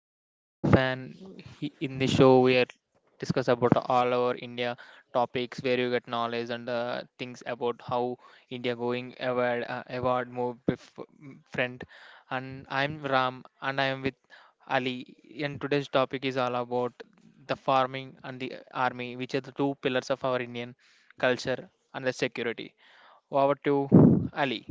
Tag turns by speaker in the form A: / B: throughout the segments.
A: to Indian Fan. In the show, we are discuss about all our India topics where you get knowledge and things about how India going award, award friend. And I'm Ram, and I'm with Ali. And today's topic is all about the farming and the army, which are the two pillars of our Indian culture and the security. Over to Ali.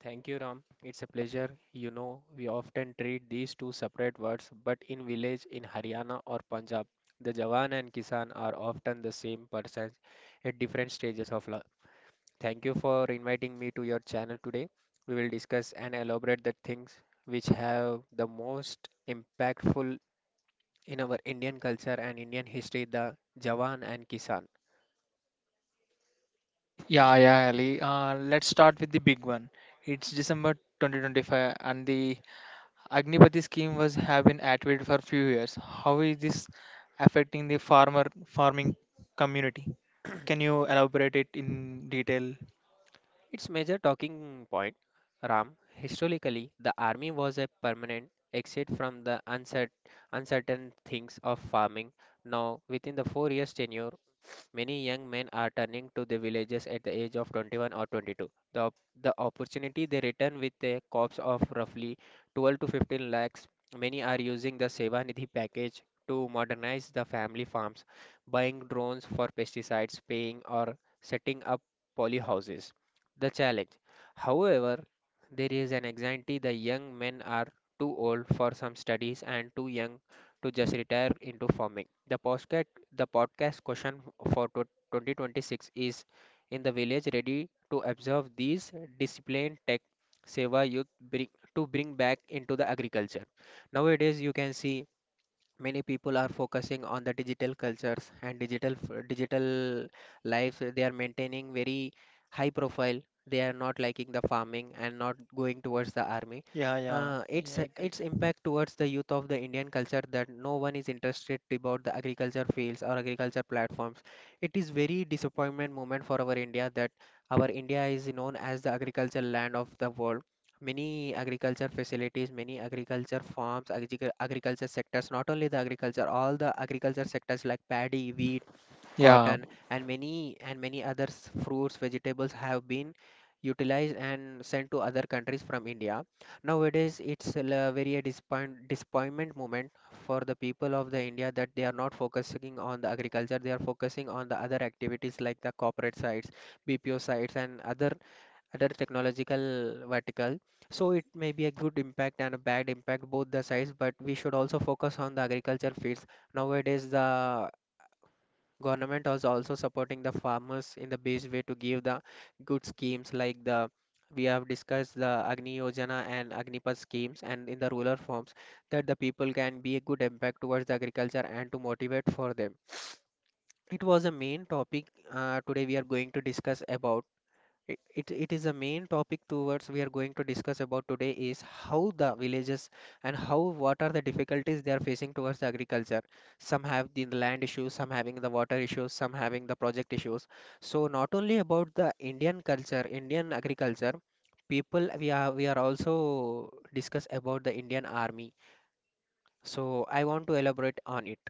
B: Thank you, Ram. It's a pleasure. You know, we often treat these two separate words, but in village in Haryana or Punjab, the Jawan and Kisan are often the same persons at different stages of life. Thank you for inviting me to your channel today. We will discuss and elaborate the things which have the most impactful in our Indian culture and Indian history, the Jawan and Kisan.
A: Yeah, yeah, Ali. Let's start with the big one. It's December 2025, and the Agnipati scheme was have been activated for few years. How is this affecting the farmer farming community? Can you elaborate it in detail?
B: Its major talking point, Ram, historically, the army was a permanent exit from the uncertain things of farming. Now, within the 4 years tenure, many young men are turning to the villages at the age of 21 or 22. The opportunity they return with a corpse of roughly 12 to 15 lakhs. Many are using the Seva Nidhi package to modernize the family farms, buying drones for pesticides, paying or setting up polyhouses. The challenge, however, there is an anxiety the young men are too old for some studies and too young to just retire into farming. The podcast question for 2026 is, in the village, ready to observe these disciplined tech seva youth to bring back into the agriculture. Nowadays, you can see many people are focusing on the digital cultures and digital lives. They are maintaining very high profile, they are not liking the farming and not going towards the army.
A: Yeah, yeah,
B: uh,
A: yeah,
B: its
A: I
B: its
A: agree.
B: impact towards the youth of the Indian culture that no one is interested about the agriculture fields or agriculture platforms. It is very disappointment moment for our India that our India is known as the agriculture land of the world. Many agriculture facilities, many agriculture farms, agriculture sectors, not only the agriculture, all the agriculture sectors like paddy, wheat,
A: Yeah,
B: cotton, and many other fruits, vegetables have been utilized and sent to other countries from India. Nowadays, it's a disappointment moment for the people of the India that they are not focusing on the agriculture, they are focusing on the other activities like the corporate sites, BPO sites, and other technological vertical. So it may be a good impact and a bad impact, both the sides, but we should also focus on the agriculture fields. Nowadays, the government is also supporting the farmers in the best way to give the good schemes like the we have discussed the Agni Yojana and Agnipath schemes, and in the rural forms, that the people can be a good impact towards the agriculture and to motivate for them. It was a main topic. Today we are going to discuss about it. Is a main topic towards we are going to discuss about today is how the villages and how what are the difficulties they are facing towards the agriculture. Some have the land issues, some having the water issues, some having the project issues. So not only about the Indian culture, Indian agriculture people, we are also discuss about the Indian army. So I want to elaborate on it.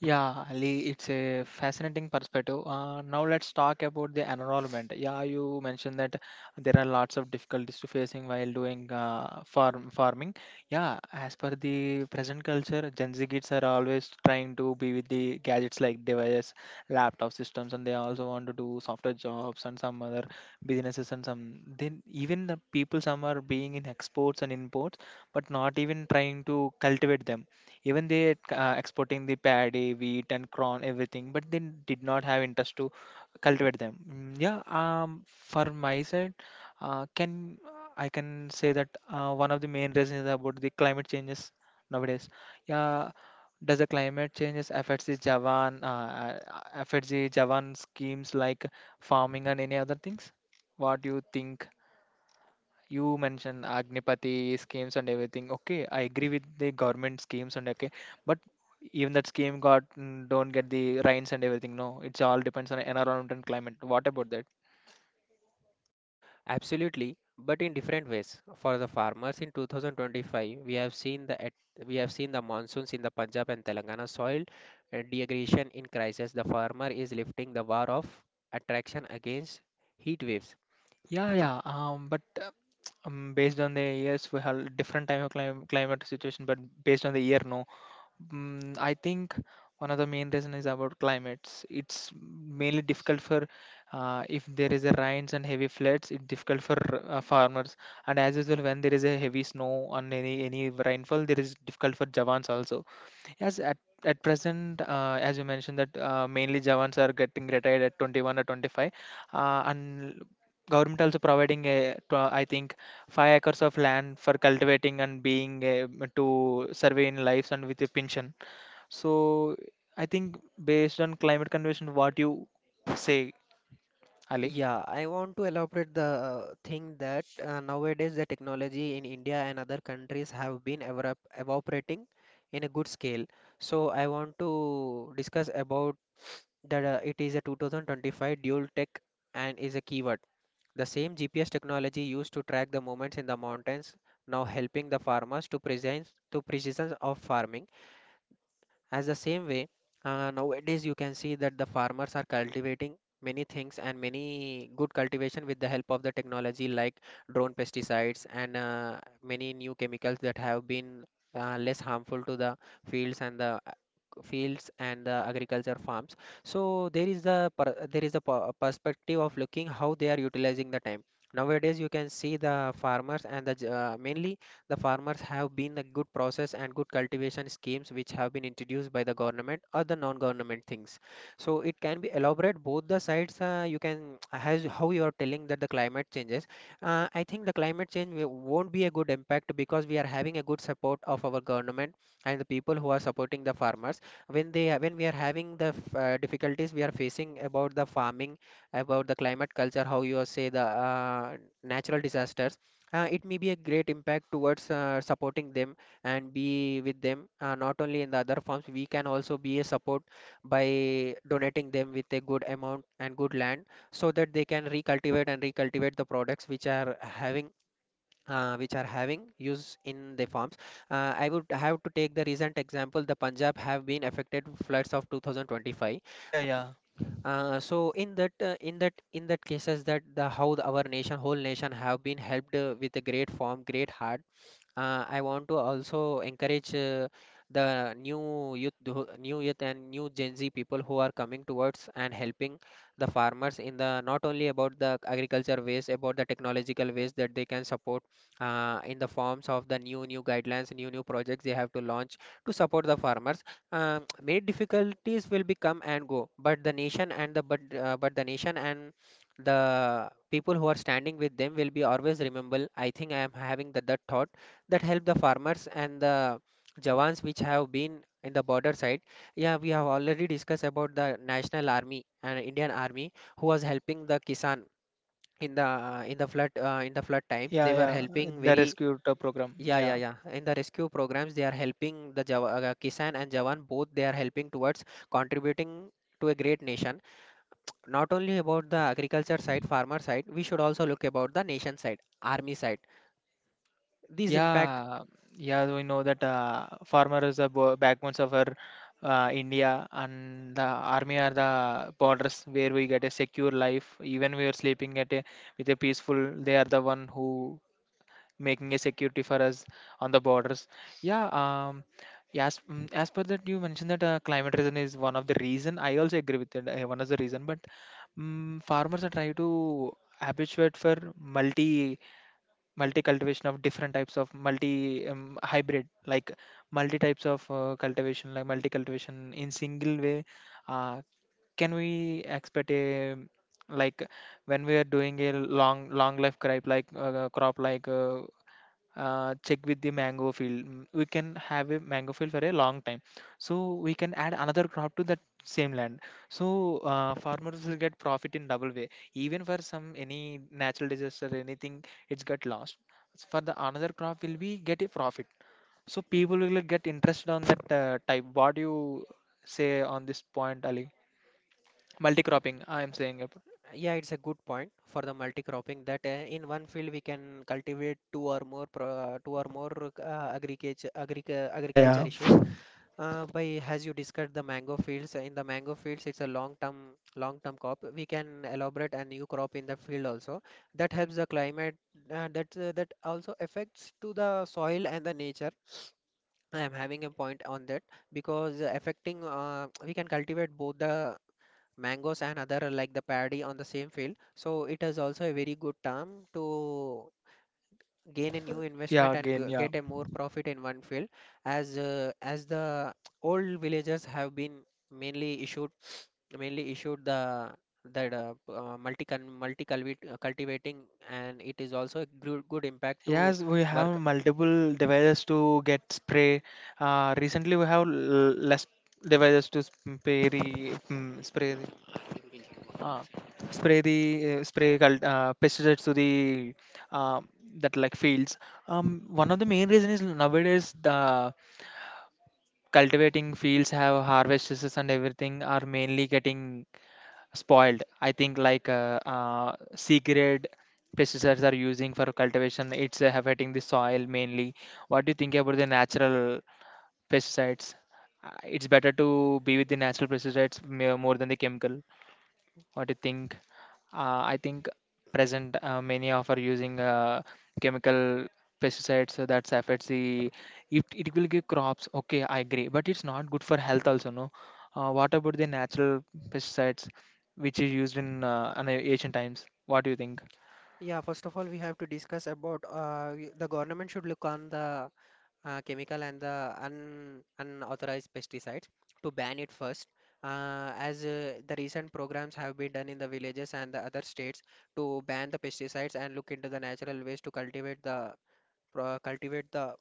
A: Yeah, Ali, it's a fascinating perspective. Now let's talk about the environment. Yeah, you mentioned that there are lots of difficulties to facing while doing farming. Yeah, as per the present culture, Gen Z kids are always trying to be with the gadgets like devices, laptop systems, and they also want to do software jobs and some other businesses and some. Then even the people some are being in exports and imports, but not even trying to cultivate them, even they exporting the paddy, wheat and corn, everything, but they did not have interest to cultivate them. Yeah. For my side, can I can say that one of the main reasons is about the climate changes nowadays. Yeah, does the climate changes affects the javan schemes like farming and any other things? What do you think? You mentioned Agnipati schemes and everything. Okay, I agree with the government schemes and okay, but even that scheme got, don't get the rains and everything. No, it's all depends on environment and climate. What about that?
B: Absolutely, but in different ways. For the farmers in 2025, we have seen we have seen the monsoons in the Punjab and Telangana soil degradation in crisis. The farmer is lifting the war of attraction against heat waves.
A: Yeah, yeah. But Based on the years, we have different type of climate situation. But based on the year, no. I think one of the main reason is about climates. It's mainly difficult for if there is a rains and heavy floods. It's difficult for farmers, and as usual, when there is a heavy snow and any rainfall, there is difficult for Javans also. Yes, at present, as you mentioned that mainly Javans are getting retired at 21 or 25, and government also providing I think 5 acres of land for cultivating and being to surveying lives and with a pension. So I think based on climate convention, what you say, Ali?
B: Yeah, I want to elaborate the thing that nowadays the technology in India and other countries have been evaporating in a good scale. So I want to discuss about that, it is a 2025 dual tech and is a keyword. The same GPS technology used to track the movements in the mountains now helping the farmers to precise to precision of farming as the same way. Nowadays you can see that the farmers are cultivating many things and many good cultivation with the help of the technology like drone pesticides, and many new chemicals that have been less harmful to the fields and the uh, fields and the agriculture farms. So there is the per- there is a perspective of looking how they are utilizing the time. Nowadays, you can see the farmers and the mainly the farmers have been the good process and good cultivation schemes which have been introduced by the government or the non-government things. So it can be elaborate both the sides. You can as how you are telling that the climate changes. I think the climate change won't be a good impact because we are having a good support of our government and the people who are supporting the farmers. When we are having the difficulties we are facing about the farming, about the climate culture, how you are say the natural disasters. It may be a great impact towards supporting them and be with them. Not only in the other forms we can also be a support by donating them with a good amount and good land, so that they can recultivate and recultivate the products which are having use in the farms. I would have to take the recent example. The Punjab have been affected floods of 2025.
A: Yeah, yeah,
B: So, in that cases that the how our nation whole nation have been helped with a great form great heart. I want to also encourage the new youth, who- new youth and new Gen Z people who are coming towards and helping the farmers in the not only about the agriculture ways, about the technological ways that they can support in the forms of the new guidelines, new projects they have to launch to support the farmers. Many difficulties will be come and go, but the nation and the people who are standing with them will be always rememberable. I think I am having that thought that help the farmers and the jawans which have been in the border side. Yeah, we have already discussed about the national army and Indian army who was helping the kisan in the in the flood times
A: yeah,
B: they were
A: yeah.
B: helping
A: The
B: very
A: rescue to program. Yeah,
B: yeah in the rescue programs they are helping the kisan and jawan both they are helping towards contributing to a great nation. Not only about the agriculture side farmer side we should also look about the nation side army side these impact.
A: yeah, yeah. We know that farmer is the backbones of our India, and the army are the borders where we get a secure life. Even we are sleeping at a with a peaceful. They are the one who making a security for us on the borders. Yeah, yes, as per that you mentioned that climate reason is one of the reason. I also agree with it. One of the reason, but farmers are trying to habituate for multi cultivation of different types of multi hybrid, like multi types of cultivation, like multi cultivation in single way. uh, can we expect a like when we are doing a long long life crop like, check with the mango field. We can have a mango field for a long time, so we can add another crop to that same land, so farmers will get profit in double way. Even for some any natural disaster, anything, it's got lost. So, for the another crop will be get a profit, so people will get interest on that type. What do you say on this point, Ali? Multi cropping, I am saying it.
B: Yeah, it's a good point for the multi-cropping that in one field we can cultivate two or more
A: Yeah,
B: agriculture
A: yeah,
B: issues. By as you discussed the mango fields, in the mango fields it's a long-term crop. We can elaborate a new crop in the field also. That helps the climate. That also affects to the soil and the nature. I am having a point on that because affecting we can cultivate both the mangoes and other like the paddy on the same field. So it is also a very good term to gain a new
A: yeah,
B: investment and
A: again, yeah.
B: get a more profit in one field as the old villagers have been mainly issued mainly issued the that multi cultivating, and it is also a good, good impact to
A: Yes, we
B: work.
A: have multiple devices to get spray. Recently, we have less devices to spray spray the uh, spray pesticides to the uh, that like fields. One of the main reason is nowadays the cultivating fields have harvests and everything are mainly getting spoiled. I think like C grade pesticides are using for cultivation. It's affecting the soil mainly. What do you think about the natural pesticides? It's better to be with the natural pesticides more than the chemical. What do you think? I think present many of are using chemical pesticides, so that affects the it will give crops. Okay, I agree, but it's not good for health also. No, what about the natural pesticides which is used in an ancient times? What do you think?
B: Yeah, first of all we have to discuss about the government should look on the chemical and the un unauthorized pesticides to ban it first. As the recent programs have been done in the villages and the other states to ban the pesticides and look into the natural ways to cultivate the pro- cultivate the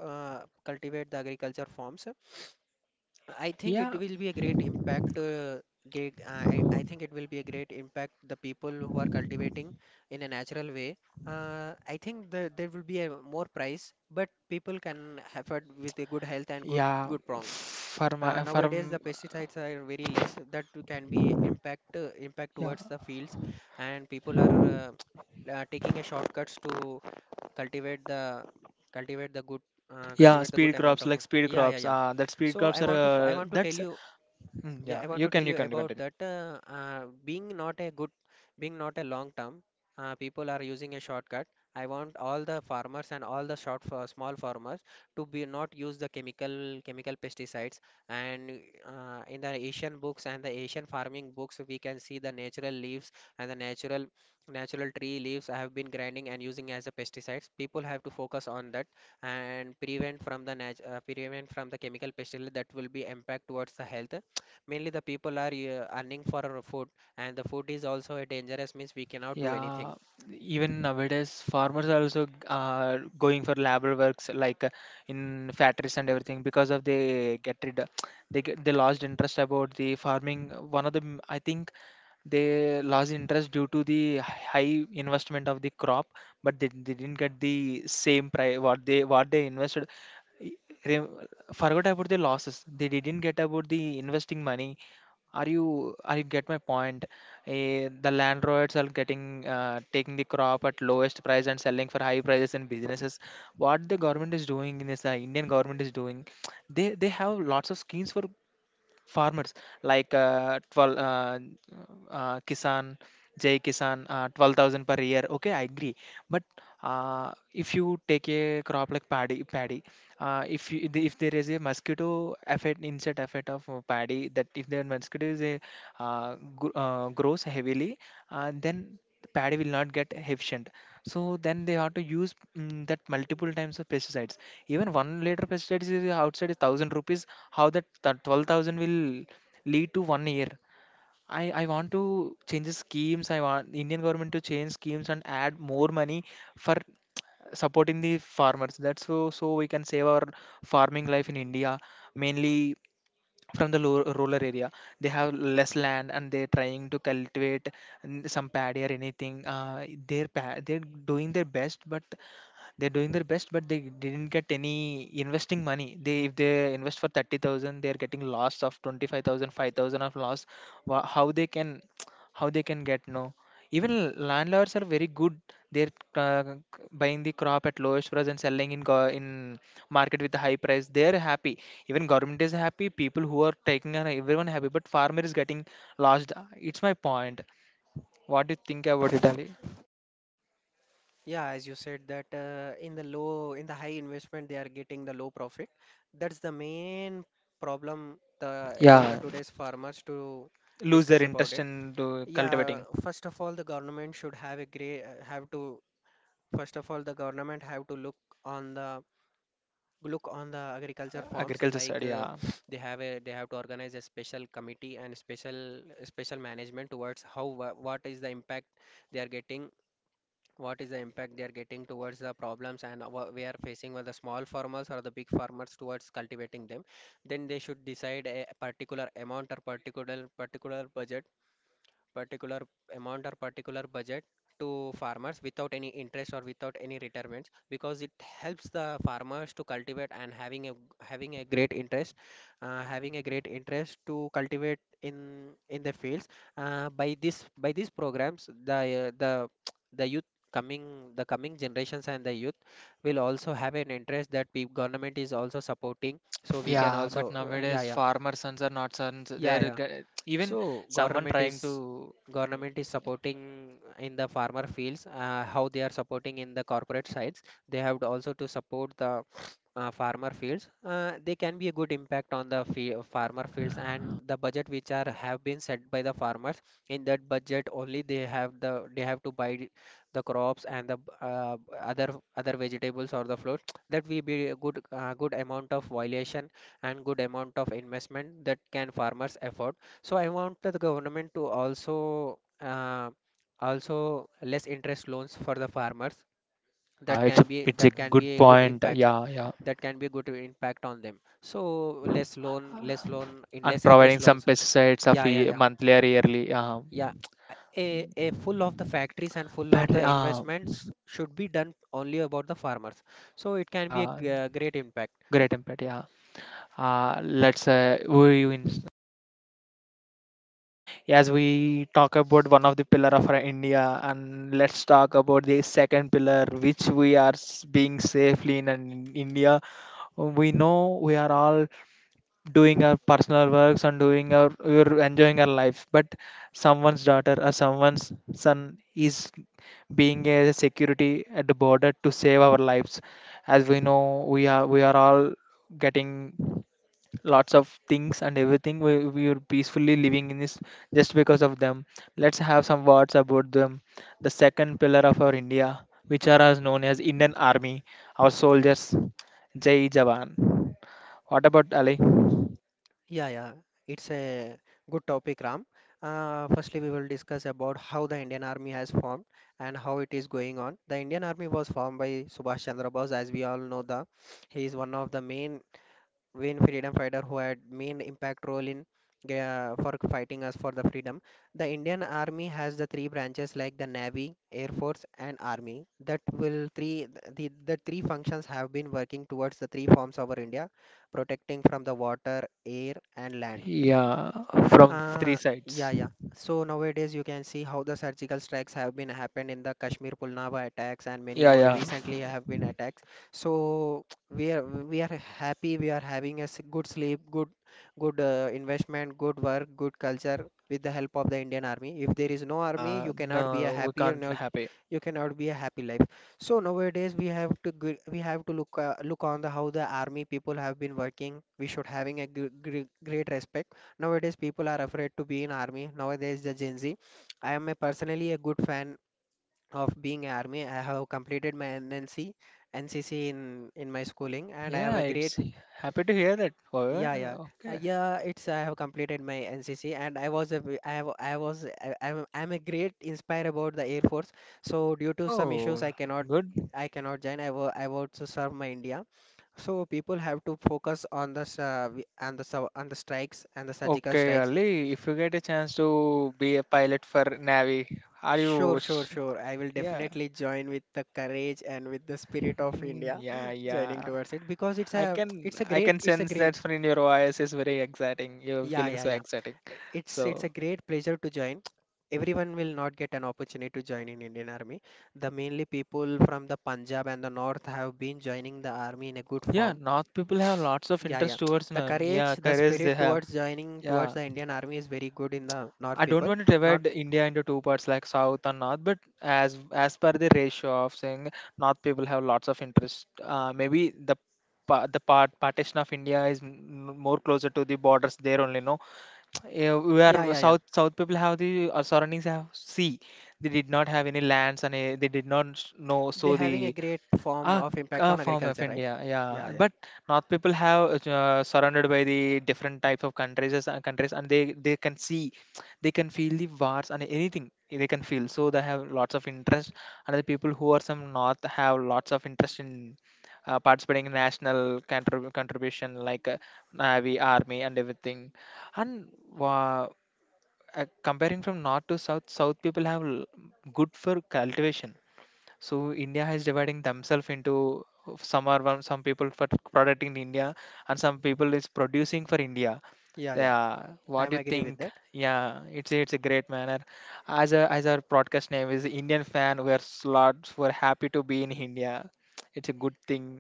B: cultivate the agriculture forms. I think it
A: Yeah,
B: will be a great impact. I think it will be a great impact the people who are cultivating in a natural way. I think there will be a more price, but people can afford with a good health and
A: yeah,
B: good prong.
A: for my for
B: Nowadays, the
A: m-
B: pesticides are very less. That can be impact
A: yeah,
B: towards the fields, and people are taking a shortcuts to cultivate the cultivate the good
A: yeah,
B: cultivate the good
A: speed
B: amount
A: crops,
B: of
A: like speed
B: yeah yeah
A: crops.
B: yeah
A: That speed
B: so
A: crops
B: I
A: are
B: want to I want to tell
A: that's
B: you. Yeah,
A: yeah.
B: I want to tell
A: You
B: you
A: can
B: about
A: continue.
B: that. Being not a long term, people are using a shortcut. I want all the farmers and all the short for small farmers to be not use the chemical pesticides. And in the Asian books and the Asian farming books, we can see the natural leaves and the natural tree leaves have been grinding and using as a pesticides. People have to focus on that and prevent from the nat prevent from the chemical pesticide that will be impact towards the health, mainly the people are earning for our food, and the food is also a dangerous means we cannot do
A: Yeah,
B: anything.
A: even nowadays, farmers are also going for labor works like in factories and everything because of they get rid, they get, they lost interest about the farming. One of them, I think they lost interest due to the high investment of the crop, but they didn't get the same price what they invested. re- Forgot about the losses. They didn't get about the investing money. Are you? Are you get my point? Eh, the landlords are getting taking the crop at lowest price and selling for high prices in businesses. What the government is doing in this, Indian government is doing, they have lots of schemes for farmers like 12 kisan, jai kisan, 12,000 per year, okay, I agree, but if you take a crop like paddy, if there is a mosquito effect, insect effect of paddy, that if the mosquito grows heavily, then the paddy will not get efficient, so then they have to use, that multiple times of pesticides. Even 1 liter pesticides is outside is 1,000 rupees. How that 12,000 will lead to 1 year? I want to change the schemes. I want Indian government to change schemes and add more money for supporting the farmers. That's so we can save our farming life in India. Mainly from the rural area, they have less land and they're trying to cultivate some paddy or anything. Uh, they're doing their best, but they didn't get any investing money. They, if they invest for 30,000, they're getting loss of 25,000, 5,000 of loss. How they can, how they can get? No, even landlords are very good. They're uh, buying the crop at lowest price and selling in market with a high price. They're happy, even government is happy, people who are taking and everyone happy, but farmer is getting lost. It's my point. What do you think about it, Ali?
B: Yeah, as you said that in the low, in the high investment, they are getting the low profit. That's the main problem, the about the
A: Yeah.
B: today's farmers to
A: Lose
B: discuss
A: their
B: about
A: interest
B: it.
A: in
B: Yeah,
A: cultivating
B: first of all, the government should have a great have to first of all the government have to look on the agriculture farms
A: agriculture
B: like
A: side. Yeah.
B: they have a they have to organize a special committee and special management towards how what is the impact they are getting, what is the impact they are getting towards the problems, and we are facing with the small farmers or the big farmers towards cultivating them. Then they should decide a particular amount or particular budget, particular amount or particular budget to farmers without any interest or without any retirements, because it helps the farmers to cultivate and having a having a great interest, having a great interest to cultivate in the fields. By this by these programs the the youth, coming the coming generations and the youth will also have an interest that we government is also supporting, so we can
A: Yeah, but
B: also yeah,
A: nowadays
B: yeah,
A: farmer sons are not sons
B: yeah,
A: they're
B: yeah.
A: even
B: So
A: someone
B: government
A: trying
B: is,
A: to,
B: government is supporting in the farmer fields, how they are supporting in the corporate sides. They have to also to support the farmer fields. They can be a good impact on the farmer fields and the budget which are have been set by the farmers. In that budget only they have they have to buy the crops and the other other vegetables or the fruits. That will be a good amount of violation and good amount of investment that can farmers afford. So I want the government to also also less interest loans for the farmers.
A: yeah,
B: That can be
A: it's a
B: that can
A: good
B: be a good
A: point,
B: impact.
A: yeah, yeah.
B: That can be a good impact on them. So less loan, in
A: And
B: less
A: providing
B: interest
A: some
B: loans.
A: pesticides of
B: Yeah, yeah, yeah,
A: monthly or yearly.
B: yeah. A full of the factories and full of
A: Battery.
B: the investments should be done only about the farmers. So it can be a
A: Yeah.
B: great impact.
A: Great impact. Yeah. Let's who are you in As we talk about one of the pillar of our India, and let's talk about the second pillar, which we are being safely in an India. We know we are all doing our personal works and doing our, we're enjoying our life, but someone's daughter or someone's son is being a security at the border to save our lives. As we know, we are all getting lots of things and everything. We are peacefully living in this just because of them. Let's have some words about them, the second pillar of our India, which are as known as Indian Army, our soldiers. Jai jawan. What about, Ali?
B: Yeah, yeah, it's a good topic, Ram. Firstly, we will discuss about how the Indian Army has formed and how it is going on. The Indian Army was formed by Subhash Chandra Bose, as we all know. The he is one of the main Wayne freedom fighter who had main impact role in for fighting us for the freedom. The Indian Army has the three branches like the Navy, Air Force, and Army. That will three, the three functions have been working towards the three forms over India, protecting from the water, air, and land.
A: Yeah, from three
B: Uh, yeah,
A: sides.
B: yeah. So nowadays you can see how the surgical strikes have been happened in the Kashmir Pulnama attacks and many
A: Yeah,
B: more
A: yeah,
B: recently have been attacks. So we are, we are happy, we are having a good sleep, good good investment, good work, good culture with the help of the Indian Army. If there is no army,
A: yeah.
B: you cannot be a
A: No, we
B: happier.
A: can't
B: No,
A: happy.
B: you cannot be a happy life. So nowadays we have to we have to look look on the how the army people have been working, we should having a great respect. Nowadays people are afraid to be in army, nowadays the Gen Z, I am a personally a good fan of being army. I have completed my NNC in my schooling and I have
A: Yeah,
B: a great,
A: it's happy to hear that. Oh,
B: yeah,
A: yeah,
B: yeah,
A: okay.
B: yeah. It's I have completed my NCC, and I was a I have, I was, I'm I'm a great inspire about the Air Force. So due to some issues,
A: Yo, good.
B: I cannot join. I will, I want to serve my India. So people have to focus on the on the on the strikes and the surgical
A: Okay,
B: strikes.
A: Ali, if you get a chance to be a pilot for Navy, are
B: Sure,
A: you?
B: sure, sure. I will
A: Yeah.
B: definitely join with the courage and with the spirit of India,
A: Yeah,
B: joining
A: yeah.
B: towards it because it's a
A: I
B: great,
A: can
B: it's a
A: sense
B: great.
A: that in your voice is very exciting. You're
B: Yeah,
A: feeling
B: yeah,
A: so
B: yeah.
A: exciting.
B: It's a
A: So
B: great pleasure to join. Everyone will not get an opportunity to join in Indian Army. The mainly people from the Punjab and the North have been joining the army in a good
A: yeah,
B: form.
A: North people have lots of
B: Yeah, yeah.
A: interest towards,
B: The courage,
A: yeah,
B: the
A: careers
B: spirit
A: they have.
B: towards joining towards
A: Yeah.
B: the Indian Army is very good in the North
A: I don't
B: people.
A: want to
B: Not,
A: divide India into two parts like South and North, but as per the ratio of saying North people have lots of interest. Maybe the partition of India is more closer to the borders there only. No, eh, we
B: yeah,
A: are
B: yeah, yeah.
A: South people have the surroundings have sea. They did not have any lands and they did not know
B: They're
A: so
B: having a
A: the
B: great form
A: Ah,
B: of impact on
A: form of
B: agriculture, right?
A: India,
B: Yeah,
A: yeah.
B: yeah,
A: But North people have surrounded by the different types of countries, countries, and they can see, they can feel the wars and anything they can feel. So they have lots of interest, and the people who are some North have lots of interest in participating in national contribution like navy, army, and everything. And uh, Comparing from North to South, South people have good for cultivation, so India is dividing themselves into some people for product in India and some people is producing for India.
B: yeah, yeah.
A: Yeah,
B: I
A: what
B: am
A: do you
B: agree with
A: think?
B: that.
A: Yeah, it's a great manner. As a as our broadcast name is Indian fan, we are slots. We're happy to be in India. It's a good thing.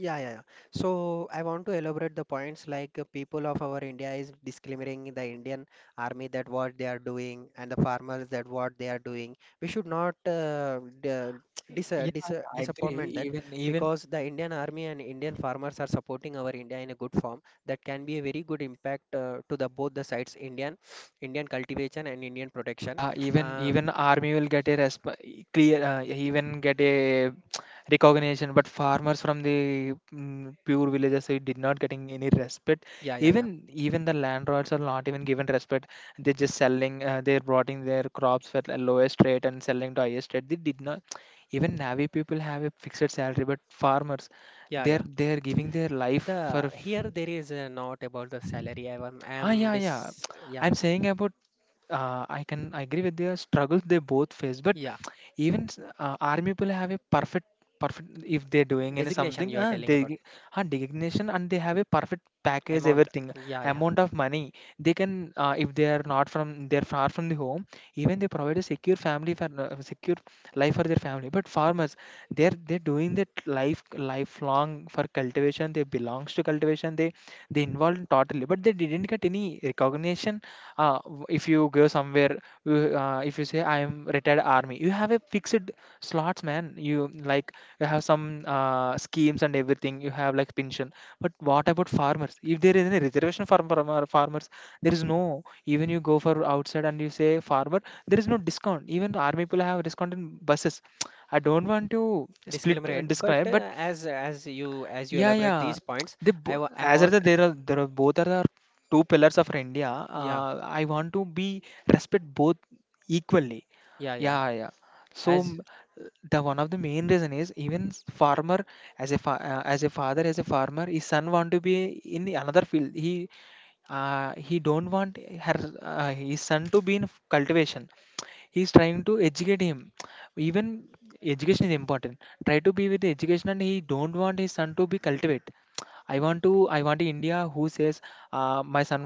B: Yeah, yeah, yeah. So I want to elaborate the points like people of our India is discriminating the Indian army that what they are doing and the farmers that what they are doing. We should not
A: Yeah, I agree.
B: disappointment that,
A: Even
B: because the Indian army and Indian farmers are supporting our India in a good form. That can be a very good impact to the both the sides, Indian, Indian cultivation and Indian protection.
A: Yeah, even
B: Uh,
A: even army will get a clear, even get a recognition. But farmers from the pure villages, they did not getting any respect.
B: yeah, yeah,
A: Even
B: yeah,
A: even the landlords are not even given respect. They're just selling. They're brought in their crops at the lowest rate and selling to highest rate. They did not. Even navy people have a fixed salary, but farmers,
B: yeah, yeah.
A: they're giving their life
B: The
A: for.
B: here there is not about the salary. I am I
A: Ah,
B: am
A: yeah, yeah.
B: dis, yeah,
A: I'm saying about I can agree with their struggles they both face, but
B: yeah,
A: army people have a perfect if they're doing any
B: designation
A: something
B: you are telling
A: they
B: about,
A: designation, and they have a perfect package,
B: amount.
A: everything,
B: Yeah, yeah,
A: amount of money they can. If they are not from, they're far from the home, even they provide a secure family for, secure life for their family. But farmers, they're doing that lifelong for cultivation. They belongs to cultivation, they involved totally, but they didn't get any recognition. If you go somewhere, if you say I am retired army, you have a fixed slots, man. You, like, you have some schemes and everything, you have like pension. But what about farmers? If there is any reservation for farmer, farmers, there is no. Even you go for outside and you say farmer, there is no discount. Even army people have discount in buses. I don't want to split
B: disclaimer ahead.
A: and
B: But
A: describe, but
B: as you, as you
A: yeah,
B: elaborate
A: yeah.
B: these points,
A: The bo-
B: I
A: as are
B: want,
A: the, there are both are the two pillars of India.
B: yeah,
A: I want to be respect both equally.
B: yeah, yeah,
A: Yeah, yeah. So
B: as
A: m- the one of the main reason is farmer, as a father, as a farmer, his son want to be in another field. He, he don't want her, his son to be in cultivation. He's trying to educate him. Even education is important, try to be with education, and he don't want his son to be cultivate. I want a who says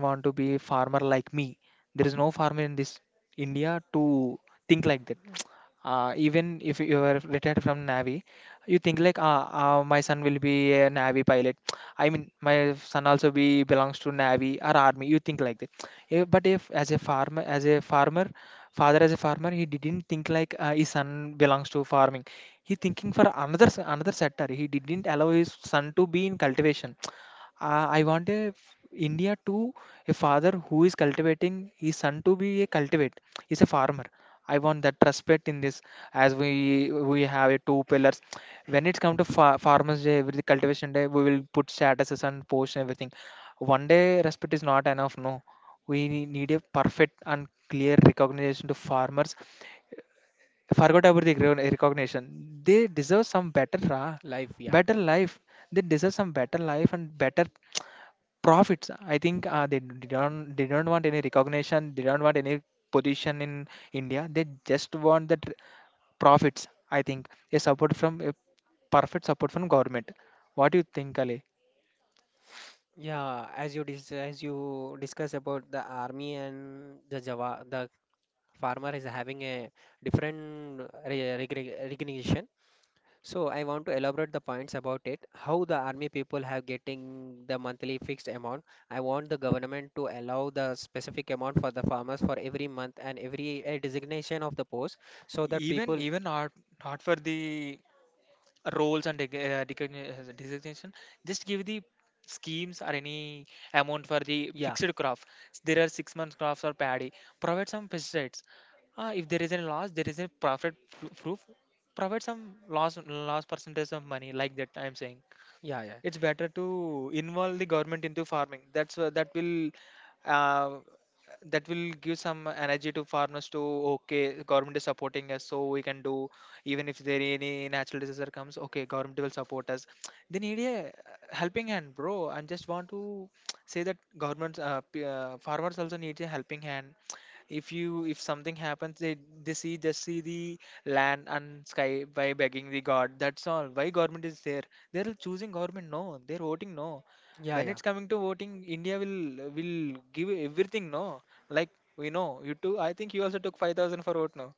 A: want to be a farmer like me. There is no farmer in this India to think like that. Even if you are retired from Navy, you think like, my son will be a Navy pilot. I mean, my son also be belongs to Navy or Army. You think like that. But if as a farmer, as a farmer, father as a farmer, he didn't think like, his son belongs to farming. He thinking for another sector. He didn't allow his son to be in cultivation. I want a f- India to a father who is cultivating his son to be a cultivate. He's a farmer. I want that respect in this, as we have a two pillars. When it's come to farmers day, with the cultivation day, we will put statuses and post everything. One day respect is not enough. No, we need a perfect and clear recognition to farmers. Forgot about the recognition. They deserve some better,
B: life, yeah,
A: better life. They deserve some better life and better profits. I think, don't, they don't want any recognition, they don't want any position in India, they just want the profits, I think. A support from a perfect support from government. What do you think, Ali?
B: yeah, as you dis, as you discuss about the army and the Java, the farmer is having a different recognition. So I want to elaborate the points about it, how the army people have getting the monthly fixed amount. I want the government to allow the specific amount for the farmers for every month and every designation of the post, so that
A: even
B: people,
A: even not not for the roles and designation, just give the schemes or any amount for the
B: yeah,
A: fixed crop. There are 6 months crops or paddy, provide some pesticides. Uh, if there is a loss, there is a profit, proof, provide some loss percentage of money, like that I'm saying.
B: yeah, yeah,
A: It's better to involve the government into farming. That will, uh, that will give some energy to farmers to, okay, government is supporting us, so we can do. Even if there any natural disaster comes, okay, government will support us. They need a helping hand, bro. I just want to say that governments, farmers also need a helping hand. If you, if something happens, they see, just see the land and sky by begging the god. That's all. Why government is there? They're choosing government, no? They're voting, no?
B: yeah,
A: When
B: yeah,
A: it's coming to voting, India will give everything, no? Like, we know you too, I think you also took 5000 for vote, no?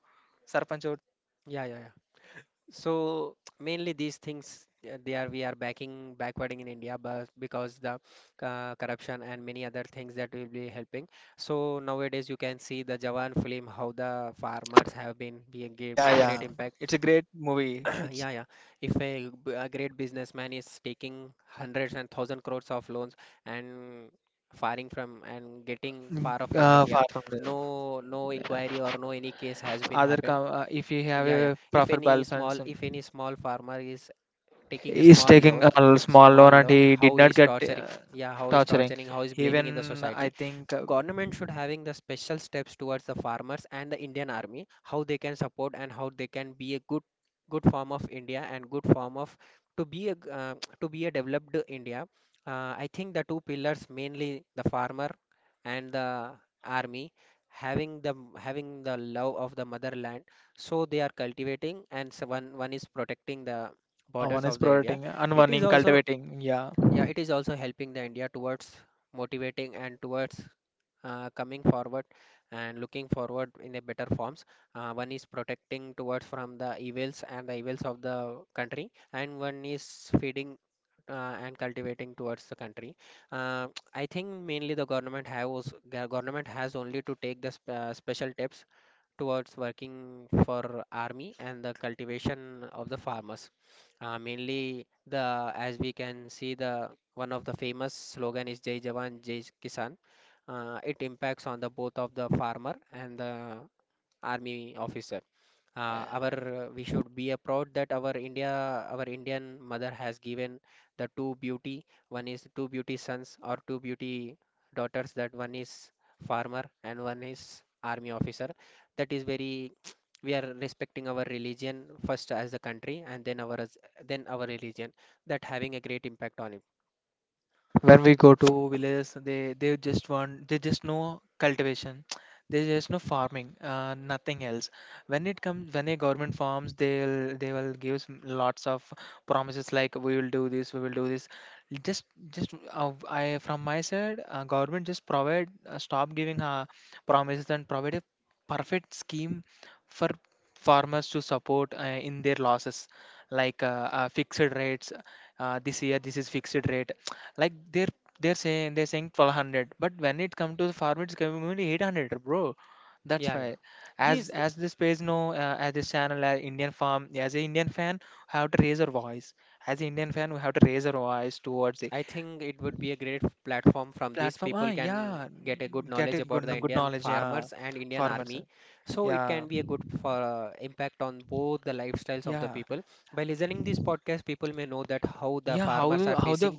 A: Sarpanch vote.
B: yeah, yeah, yeah. So mainly these things they are, we are backing backwarding in India but because the corruption and many other things that will be helping. So nowadays you can see the Jawan film how the farmers have been being great,
A: Yeah,
B: great
A: yeah,
B: impact.
A: it's a great movie, it's,
B: Yeah, yeah. If a, a great businessman is taking hundreds and thousand crores of loans and firing from and getting far off from
A: far
B: India,
A: from the
B: no, no inquiry or no any case has been happened.
A: if you have
B: Yeah, yeah.
A: a
B: If
A: proper
B: any small
A: balance,
B: if any small farmer is taking a
A: he's taking a small
B: small
A: loan and
B: loan,
A: he did
B: how
A: not
B: is
A: get,
B: torturing? Yeah, how is
A: torturing.
B: torturing? How is
A: Even
B: blaming in the
A: I
B: society?
A: think,
B: Government should having the special steps towards the farmers and the Indian army, how they can support and how they can be a good good form of India and good form of to be a to be a developed India. Uh, I think the two pillars mainly the farmer and the army having the having the love of the motherland, so they are cultivating and so one, one is protecting the
A: one
B: borders
A: is
B: of the India.
A: protecting and
B: It
A: one
B: is
A: in
B: also,
A: cultivating, yeah.
B: yeah, it is also helping the India towards motivating and towards coming forward and looking forward in a better forms. One is protecting towards from the evils and the evils of the country, and one is feeding and cultivating towards the country. Uh, I think mainly the government has only to take the sp special tips towards working for army and the cultivation of the farmers. Mainly the, as we can see, the one of the famous slogan is Jai Jawan Jai Kisan. Uh, it impacts on the both of the farmer and the army officer. Uh, our we should be a proud that our India, our Indian mother has given the two beauty, one is two beauty sons or two beauty daughters, that one is farmer and one is army officer. That is very we are respecting our religion first as a country and then our then our religion. That having a great impact on it,
A: When we go to villages, they just want, they just know cultivation, they just know farming, nothing else. When it comes, when a government farms, they'll, they will give us lots of promises like, we will do this, we will do this. Just just uh, i from my side, government just provide, stop giving, promises and provide a perfect scheme for farmers to support, in their losses, like, fixed rates. Uh, this year this is fixed rate. Like, they're saying, they're saying 1200, but when it comes to the farm, it's coming only 800, bro. That's
B: yeah, yeah,
A: why, as
B: these.
A: this page know, as this channel, Indian farm, as an Indian fan, we have to raise our voice. As an Indian fan, we have to raise our voice towards the
B: I think it would be a great platform from this.
A: platform. Ah,
B: People can
A: yeah,
B: get a good
A: get
B: knowledge
A: a
B: about the
A: good
B: Indian
A: knowledge. Yeah,
B: farmers and Indian
A: farmers.
B: army. So it
A: Yeah,
B: can be a good for impact on both the lifestyles of the
A: yeah,
B: people. By listening this podcast, people may know that how the
A: yeah. How
B: farmers are
A: the
B: facing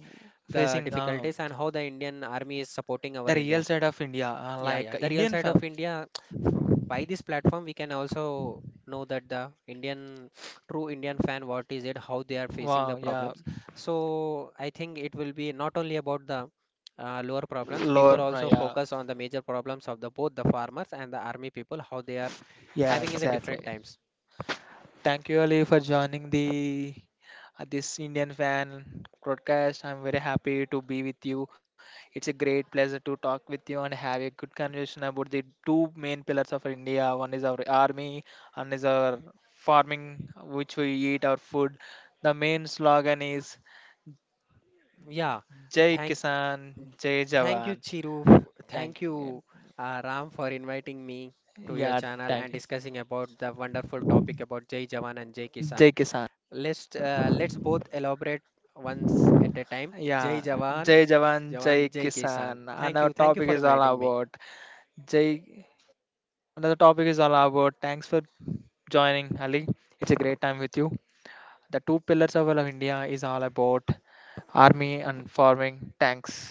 B: the
A: facing,
B: difficulties and how the Indian army is supporting our
A: the real
B: India.
A: side of India,
B: Yeah,
A: like
B: yeah. The real
A: Indian
B: side of India, by this platform, we can also know that the Indian, true Indian fan, what is it, how they are facing
A: wow,
B: the
A: yeah,
B: problems. So I think it will be not only about the lower problems,
A: lower.
B: people
A: Uh,
B: also
A: yeah,
B: focus on the major problems of the both the farmers and the army people, how they are
A: yeah,
B: having in the different
A: exactly.
B: times.
A: Thank you, Ali, for joining the this Indian fan broadcast. I'm very happy to be with you. It's a great pleasure to talk with you and have a good conversation about the two main pillars of India. One is our army, and is our farming, which we eat our food. The main slogan is
B: Yeah.
A: Jai
B: Thank,
A: Kisan, Jai
B: thank you,
A: Jawan.
B: Chiru. Thank
A: Thank you.
B: you, Ram, for inviting me to your
A: Yeah,
B: channel
A: thank
B: and
A: you.
B: discussing about the wonderful topic about Jai Jawan and Jai Kisan.
A: Jai Kisan. Thank you.
B: Let's both elaborate once at a time. Jai
A: Yeah,
B: Jawan,
A: Jai Jawan, Jai
B: Jawan, Jai Kisan.
A: Kisan. And our
B: Thank you
A: topic
B: for
A: is all
B: inviting me.
A: about Jay, another topic is all about thanks for joining, Ali. It's a great time with you. The two pillars of all of India is all about army and farming. Thanks.